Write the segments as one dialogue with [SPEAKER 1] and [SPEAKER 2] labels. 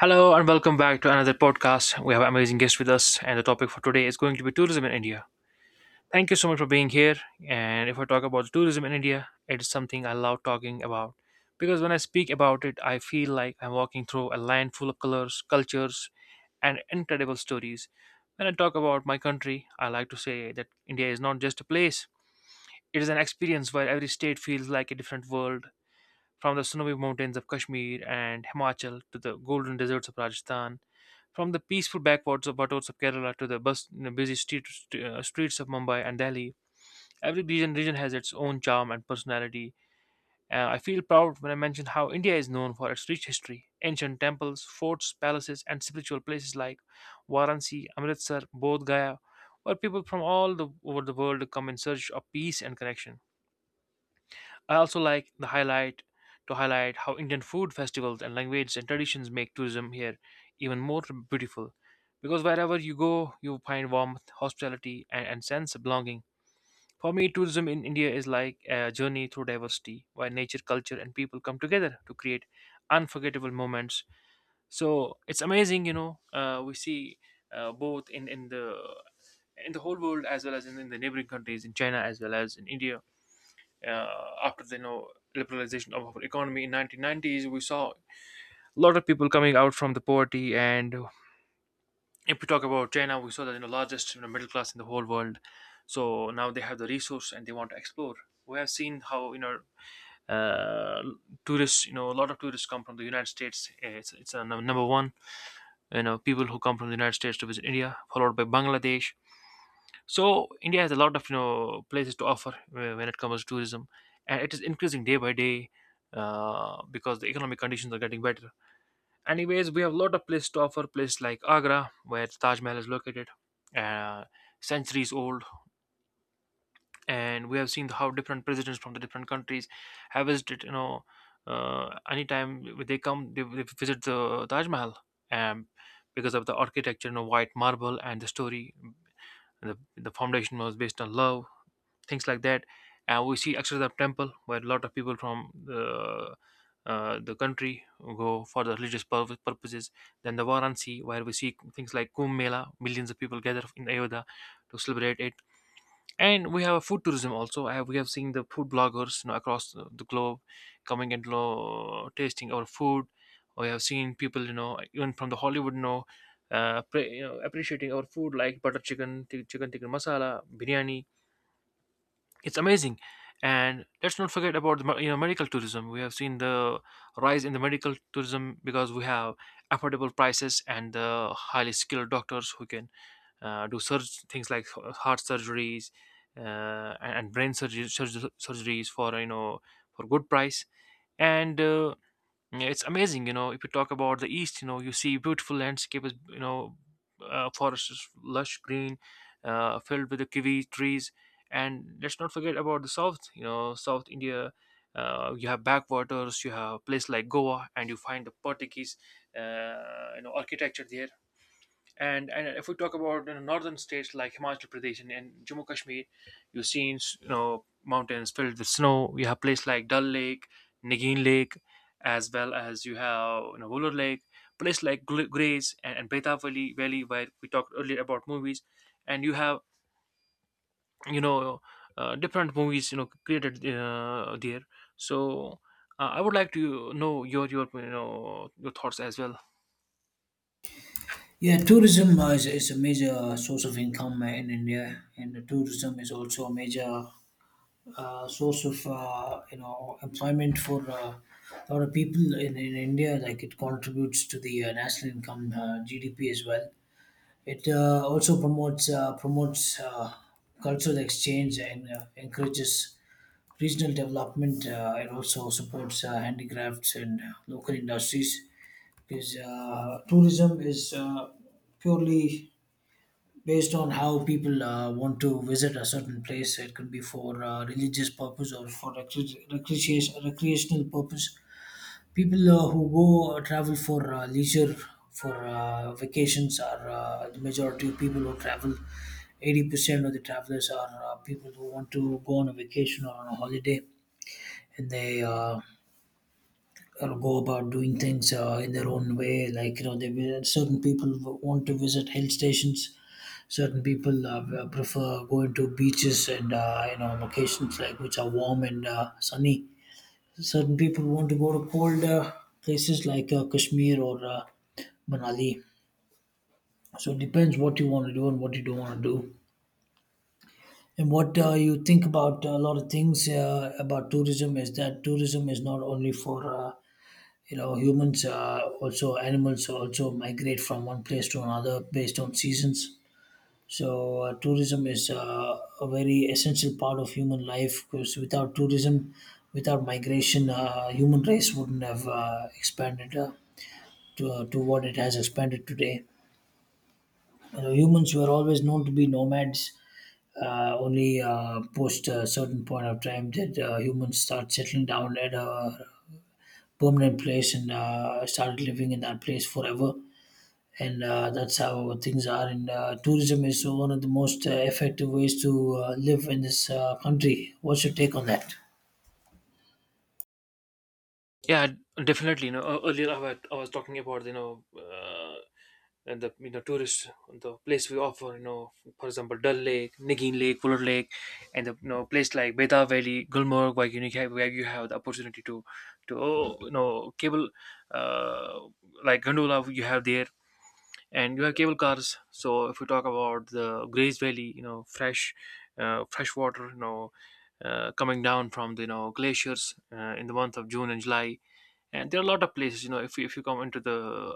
[SPEAKER 1] Hello and welcome back to another podcast. We have an amazing guest with us, and the topic for today is going to be tourism in India. Thank you so much for being here. And if I talk about tourism in India, it is something I love talking about because when I speak about it, I feel like I'm walking through a land full of colors, cultures, and incredible stories. When I talk about my country, I like to say that India is not just a place, it is an experience where every state feels like a different world. From the snowy mountains of Kashmir and Himachal to the golden deserts of Rajasthan, from the peaceful backwaters of Wattods of Kerala to the busy streets of Mumbai and Delhi, every region has its own charm and personality. I feel proud when I mention how India is known for its rich history, ancient temples, forts, palaces, and spiritual places like Varanasi, Amritsar, Bodh Gaya, where people from all over the world come in search of peace and connection. I also like the highlight to highlight how Indian food, festivals, and language, and traditions make tourism here even more beautiful. Because wherever you go, you find warmth, hospitality, and sense of belonging. For me, tourism in India is like a journey through diversity, where nature, culture, and people come together to create unforgettable moments. So it's amazing. We see both in the whole world as well as in the neighboring countries, in China as well as in India after the liberalization of our economy in 1990s. We saw a lot of people coming out from the poverty, and if we talk about China, we saw that, you know, largest, middle class in the whole world. So now they have the resource and they want to explore. We have seen how, uh, tourists, a lot of tourists come from the United States. It's a number one, people who come from the United States to visit India, followed by Bangladesh. So India has a lot of, places to offer when it comes to tourism, and it is increasing day by day, because the economic conditions are getting better. Anyways, we have a lot of places to offer. Places like Agra, where Taj Mahal is located, uh, centuries old, and we have seen how different presidents from the different countries have visited. Anytime they come, they visit the Taj Mahal, um, because of the architecture, white marble, and the story. The foundation was based on love, things like that. And we see Akshardham Temple, where a lot of people from the country go for the religious purposes. Then the Varanasi, where we see things like Kumbh Mela, millions of people gather in Ayodhya to celebrate it. And we have a food tourism also. We have seen the food bloggers, across the globe, coming and you tasting our food. We have seen people, even from the Hollywood, appreciating our food like butter chicken, chicken tikka masala, biryani. It's amazing. And let's not forget about the medical tourism. We have seen the rise in the medical tourism because we have affordable prices and the highly skilled doctors who can, do things like heart surgeries and brain surgeries for, for good price, and yeah, it's amazing, you know. If you talk about the east, you see beautiful landscapes, forests is lush green, filled with the kiwi trees, and let's not forget about the south. South India, you have backwaters, you have a place like Goa, and you find the Portuguese, architecture there. And if we talk about, northern states like Himachal Pradesh and Jammu Kashmir, you've seen, mountains filled with snow. You have places like Dal Lake, Nagin Lake, as well as you have, Wolar Lake, places like Grays and Beta Valley, where we talked earlier about movies, and you have, you know different movies, created there. So I would like to know your you know your thoughts as well.
[SPEAKER 2] Yeah, tourism is a major source of income in India, and the tourism is also a major source of employment for a lot of people in India. Like it contributes to the national income, GDP as well. It also promotes cultural exchange and encourages regional development. It also supports handicrafts and local industries because tourism is purely based on how people want to visit a certain place. It could be for religious purpose or for recreation, recreational purpose. People who go travel for leisure, for vacations are the majority of people who travel. 80% of the travelers are people who want to go on a vacation or on a holiday, and they. Or go about doing things in their own way. Like you know they Certain people want to visit hill stations, certain people prefer going to beaches and locations like which are warm and sunny. Certain people want to go to cold places like Kashmir or Manali. So it depends what you want to do and what you don't want to do, and what you think about. A lot of things about tourism is that tourism is not only for humans. Also animals also migrate from one place to another based on seasons. So tourism is a very essential part of human life, because without tourism, without migration, human race wouldn't have expanded to what it has expanded today. You know, humans were always known to be nomads. Only post a certain point of time did humans start settling down at a permanent place and started living in that place forever, and that's how things are. And tourism is one of the most effective ways to live in this country. What's your take on that?
[SPEAKER 1] Yeah, definitely. Earlier I was talking about, and the tourists, the place we offer, for example, Dal Lake, Nagin Lake, Fuller Lake, and the place like Beta Valley, Gulmarg, where you have the opportunity to cable, uh, like gondola you have there, and you have cable cars. So if we talk about the Grays Valley, fresh water, coming down from the glaciers in the month of June and July, and there are a lot of places, if you come into the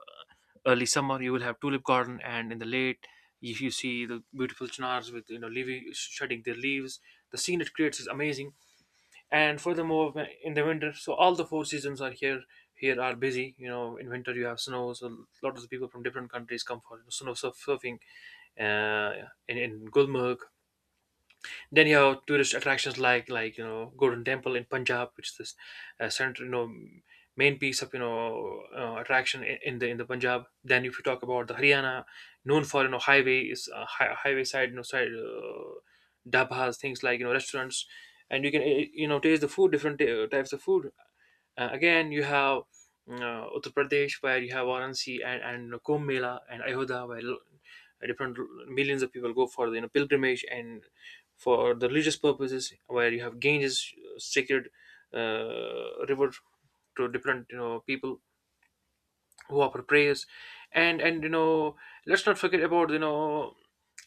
[SPEAKER 1] early summer, you will have tulip garden, and in the late, if you see the beautiful chinars, with, you know leaving shedding their leaves, the scene it creates is amazing. And furthermore, in the winter, so all the four seasons are Here are busy, in winter, you have snow, so a lot of the people from different countries come for snow surfing, uh, in Gulmarg. Then you have tourist attractions like Golden Temple in Punjab, which is this center you know main piece of, attraction in the Punjab. Then if you talk about the Haryana, known for, highways, highway side, dabas, things like, restaurants, and you can, taste the food, different types of food. Again, you have, Uttar Pradesh, where you have Varanasi and Kumbh Mela and Ayodhya, where different millions of people go for the, pilgrimage and for the religious purposes, where you have Ganges, sacred river, to different, people who offer praise, and let's not forget about,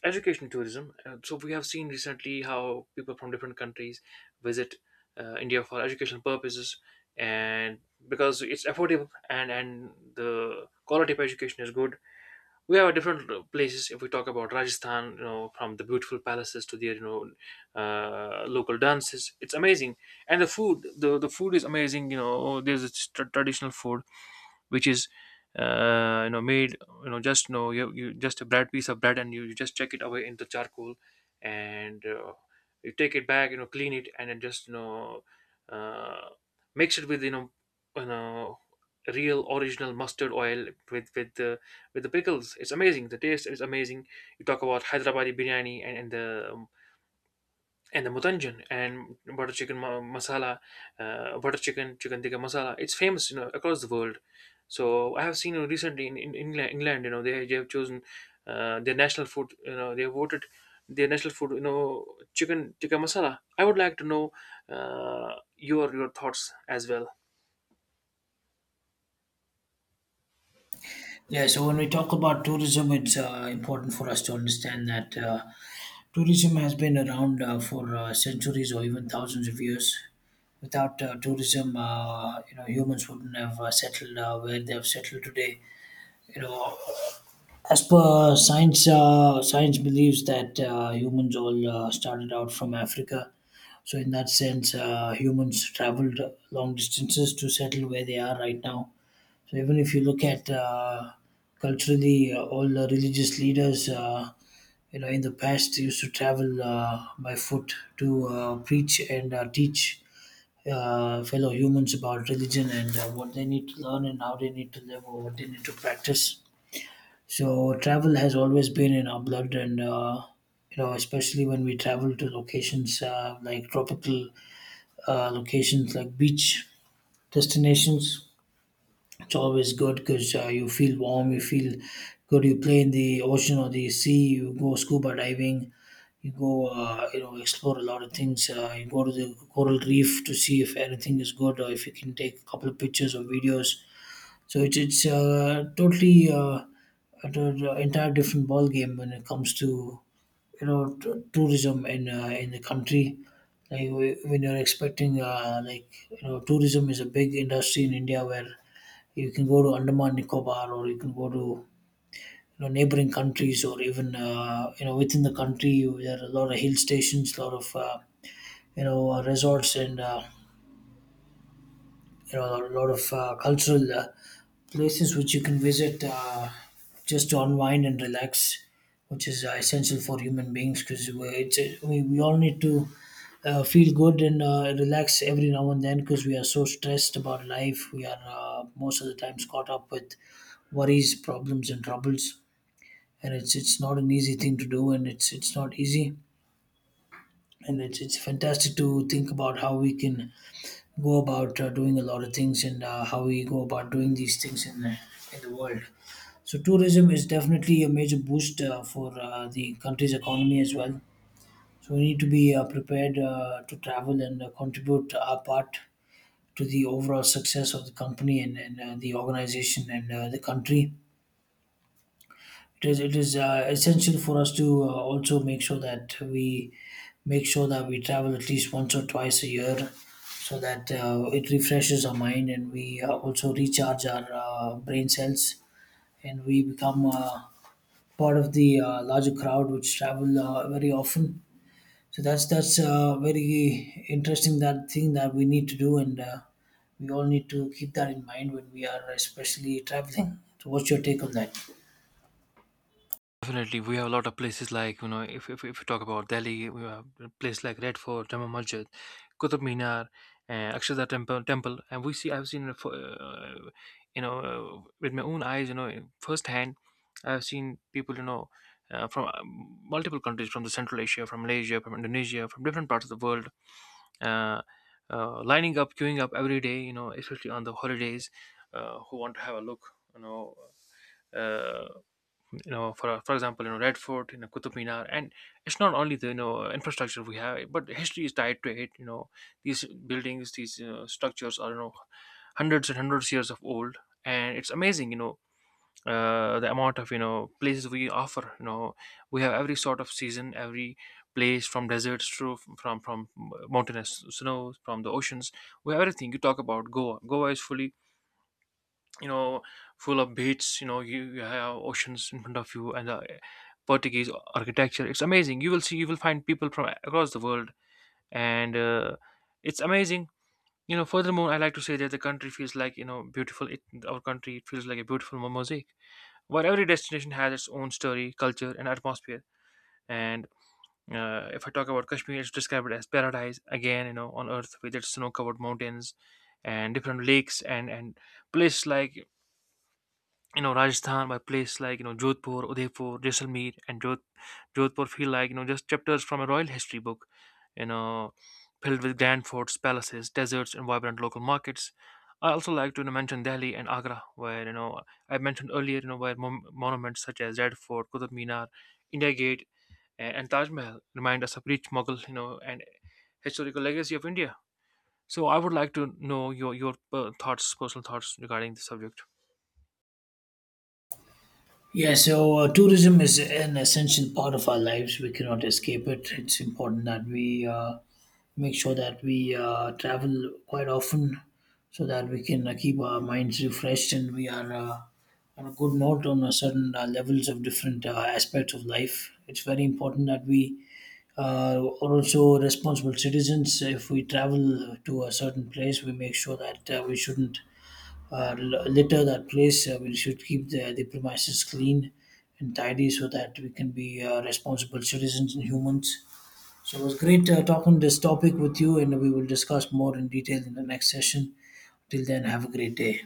[SPEAKER 1] education tourism. So we have seen recently how people from different countries visit, India for educational purposes, and because it's affordable, and the quality of education is good. We have different places. If we talk about Rajasthan, from the beautiful palaces to their, local dances. It's amazing. And the food, the food is amazing. There's this traditional food, which is, made, just, you just a bread piece of bread, and you just check it away in the charcoal, and you take it back, clean it, and then just, uh, mix it with, you know real original mustard oil with the pickles. It's amazing. The taste is amazing. You talk about Hyderabadi biryani, and the mutanjan, and butter chicken, masala, butter chicken chicken tikka masala. It's famous, across the world. So I have seen, recently in England, they have chosen their national food. They have voted their national food. Chicken tikka masala. I would like to know your thoughts as well.
[SPEAKER 2] Yeah, so when we talk about tourism, it's important for us to understand that tourism has been around for centuries or even thousands of years. Without tourism, you know, humans wouldn't have settled where they have settled today. You know, As per science, science believes that humans all started out from Africa. So, in that sense, humans traveled long distances to settle where they are right now. So, even if you look at culturally, all the religious leaders, you know, in the past used to travel by foot to preach and teach fellow humans about religion and what they need to learn and how they need to live or what they need to practice. So travel has always been in our blood, and you know, especially when we travel to locations like tropical locations, like beach destinations, it's always good because you feel warm, you feel good. You play in the ocean or the sea, you go scuba diving, you go, explore a lot of things. You go to the coral reef to see if anything is good or if you can take a couple of pictures or videos. So it's totally at an entire different ball game when it comes to tourism in in the country. Like when you're expecting, tourism is a big industry in India, where you can go to Andaman Nicobar or you can go to neighboring countries, or even within the country there are a lot of hill stations, a lot of resorts and a lot of cultural places which you can visit just to unwind and relax, which is essential for human beings, because it's we all need to feel good and relax every now and then, because we are so stressed about life. We are most of the times caught up with worries, problems, and troubles, and it's not an easy thing to do, and it's not easy. And it's fantastic to think about how we can go about doing a lot of things and how we go about doing these things in in the world. So tourism is definitely a major boost for the country's economy as well. So we need to be prepared to travel and contribute our part to the overall success of the company, and the organization and the country. It is essential for us to also make sure that we travel at least once or twice a year, so that it refreshes our mind and we also recharge our brain cells, and we become part of the larger crowd which travel very often. So that's very interesting that thing that we need to do, and we all need to keep that in mind when we are, especially, traveling. So what's your take on that?
[SPEAKER 1] Definitely, we have a lot of places like, if you talk about Delhi, we have a place like Red Fort, Jama Masjid, Qutub Minar, Akshardha Temple, and I've seen it for, you know, with my own eyes, firsthand. I've seen people, from multiple countries, from the Central Asia, from Malaysia, from Indonesia, from different parts of the world, uh, lining up, queuing up every day, you know, especially on the holidays, who want to have a look, uh, you know for example, Red Fort, Qutub Minar, and it's not only the infrastructure we have, but history is tied to it. These buildings, these, structures, are, hundreds and hundreds years of old. And it's amazing, the amount of, places we offer. We have every sort of season, every place, from deserts to from mountainous snows, from the oceans. We have everything. You talk about Goa. Goa is you know full of beaches. You have oceans in front of you, and the Portuguese architecture. It's amazing. You will find people from across the world, and it's amazing. Furthermore, I like to say that the country feels like, beautiful. It, our country, it feels like a beautiful mosaic, where every destination has its own story, culture, and atmosphere. And if I talk about Kashmir, it's described as paradise again, on earth, with its snow covered mountains and different lakes and places like, Rajasthan, by place like, Jodhpur, Udaipur, Jaisalmer, and Jodhpur feel like, just chapters from a royal history book, you know, filled with grand forts, palaces, deserts, and vibrant local markets. I also like to, mention Delhi and Agra, where, I mentioned earlier, where monuments such as Red Fort, Qutub Minar, India Gate, and Taj Mahal remind us of rich Mughal, and historical legacy of India. So I would like to know your thoughts, personal thoughts, regarding the subject.
[SPEAKER 2] Yeah, so tourism is an essential part of our lives. We cannot escape it. It's important that we make sure that we travel quite often, so that we can keep our minds refreshed, and we are on a good note, on a certain levels of different aspects of life. It's very important that we are also responsible citizens. If we travel to a certain place, we make sure that we shouldn't litter that place. We should keep the premises clean and tidy, so that we can be responsible citizens and humans. So it was great talking this topic with you, and we will discuss more in detail in the next session. Till then, have a great day.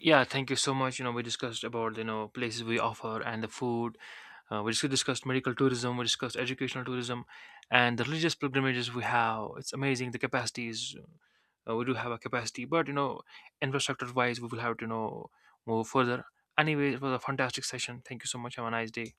[SPEAKER 1] Yeah, thank you so much. We discussed about, places we offer and the food. We discussed medical tourism. We discussed educational tourism, and the religious pilgrimages we have. It's amazing, the capacities, we do have a capacity, but, infrastructure wise, we will have to, move further. Anyway, it was a fantastic session. Thank you so much. Have a nice day.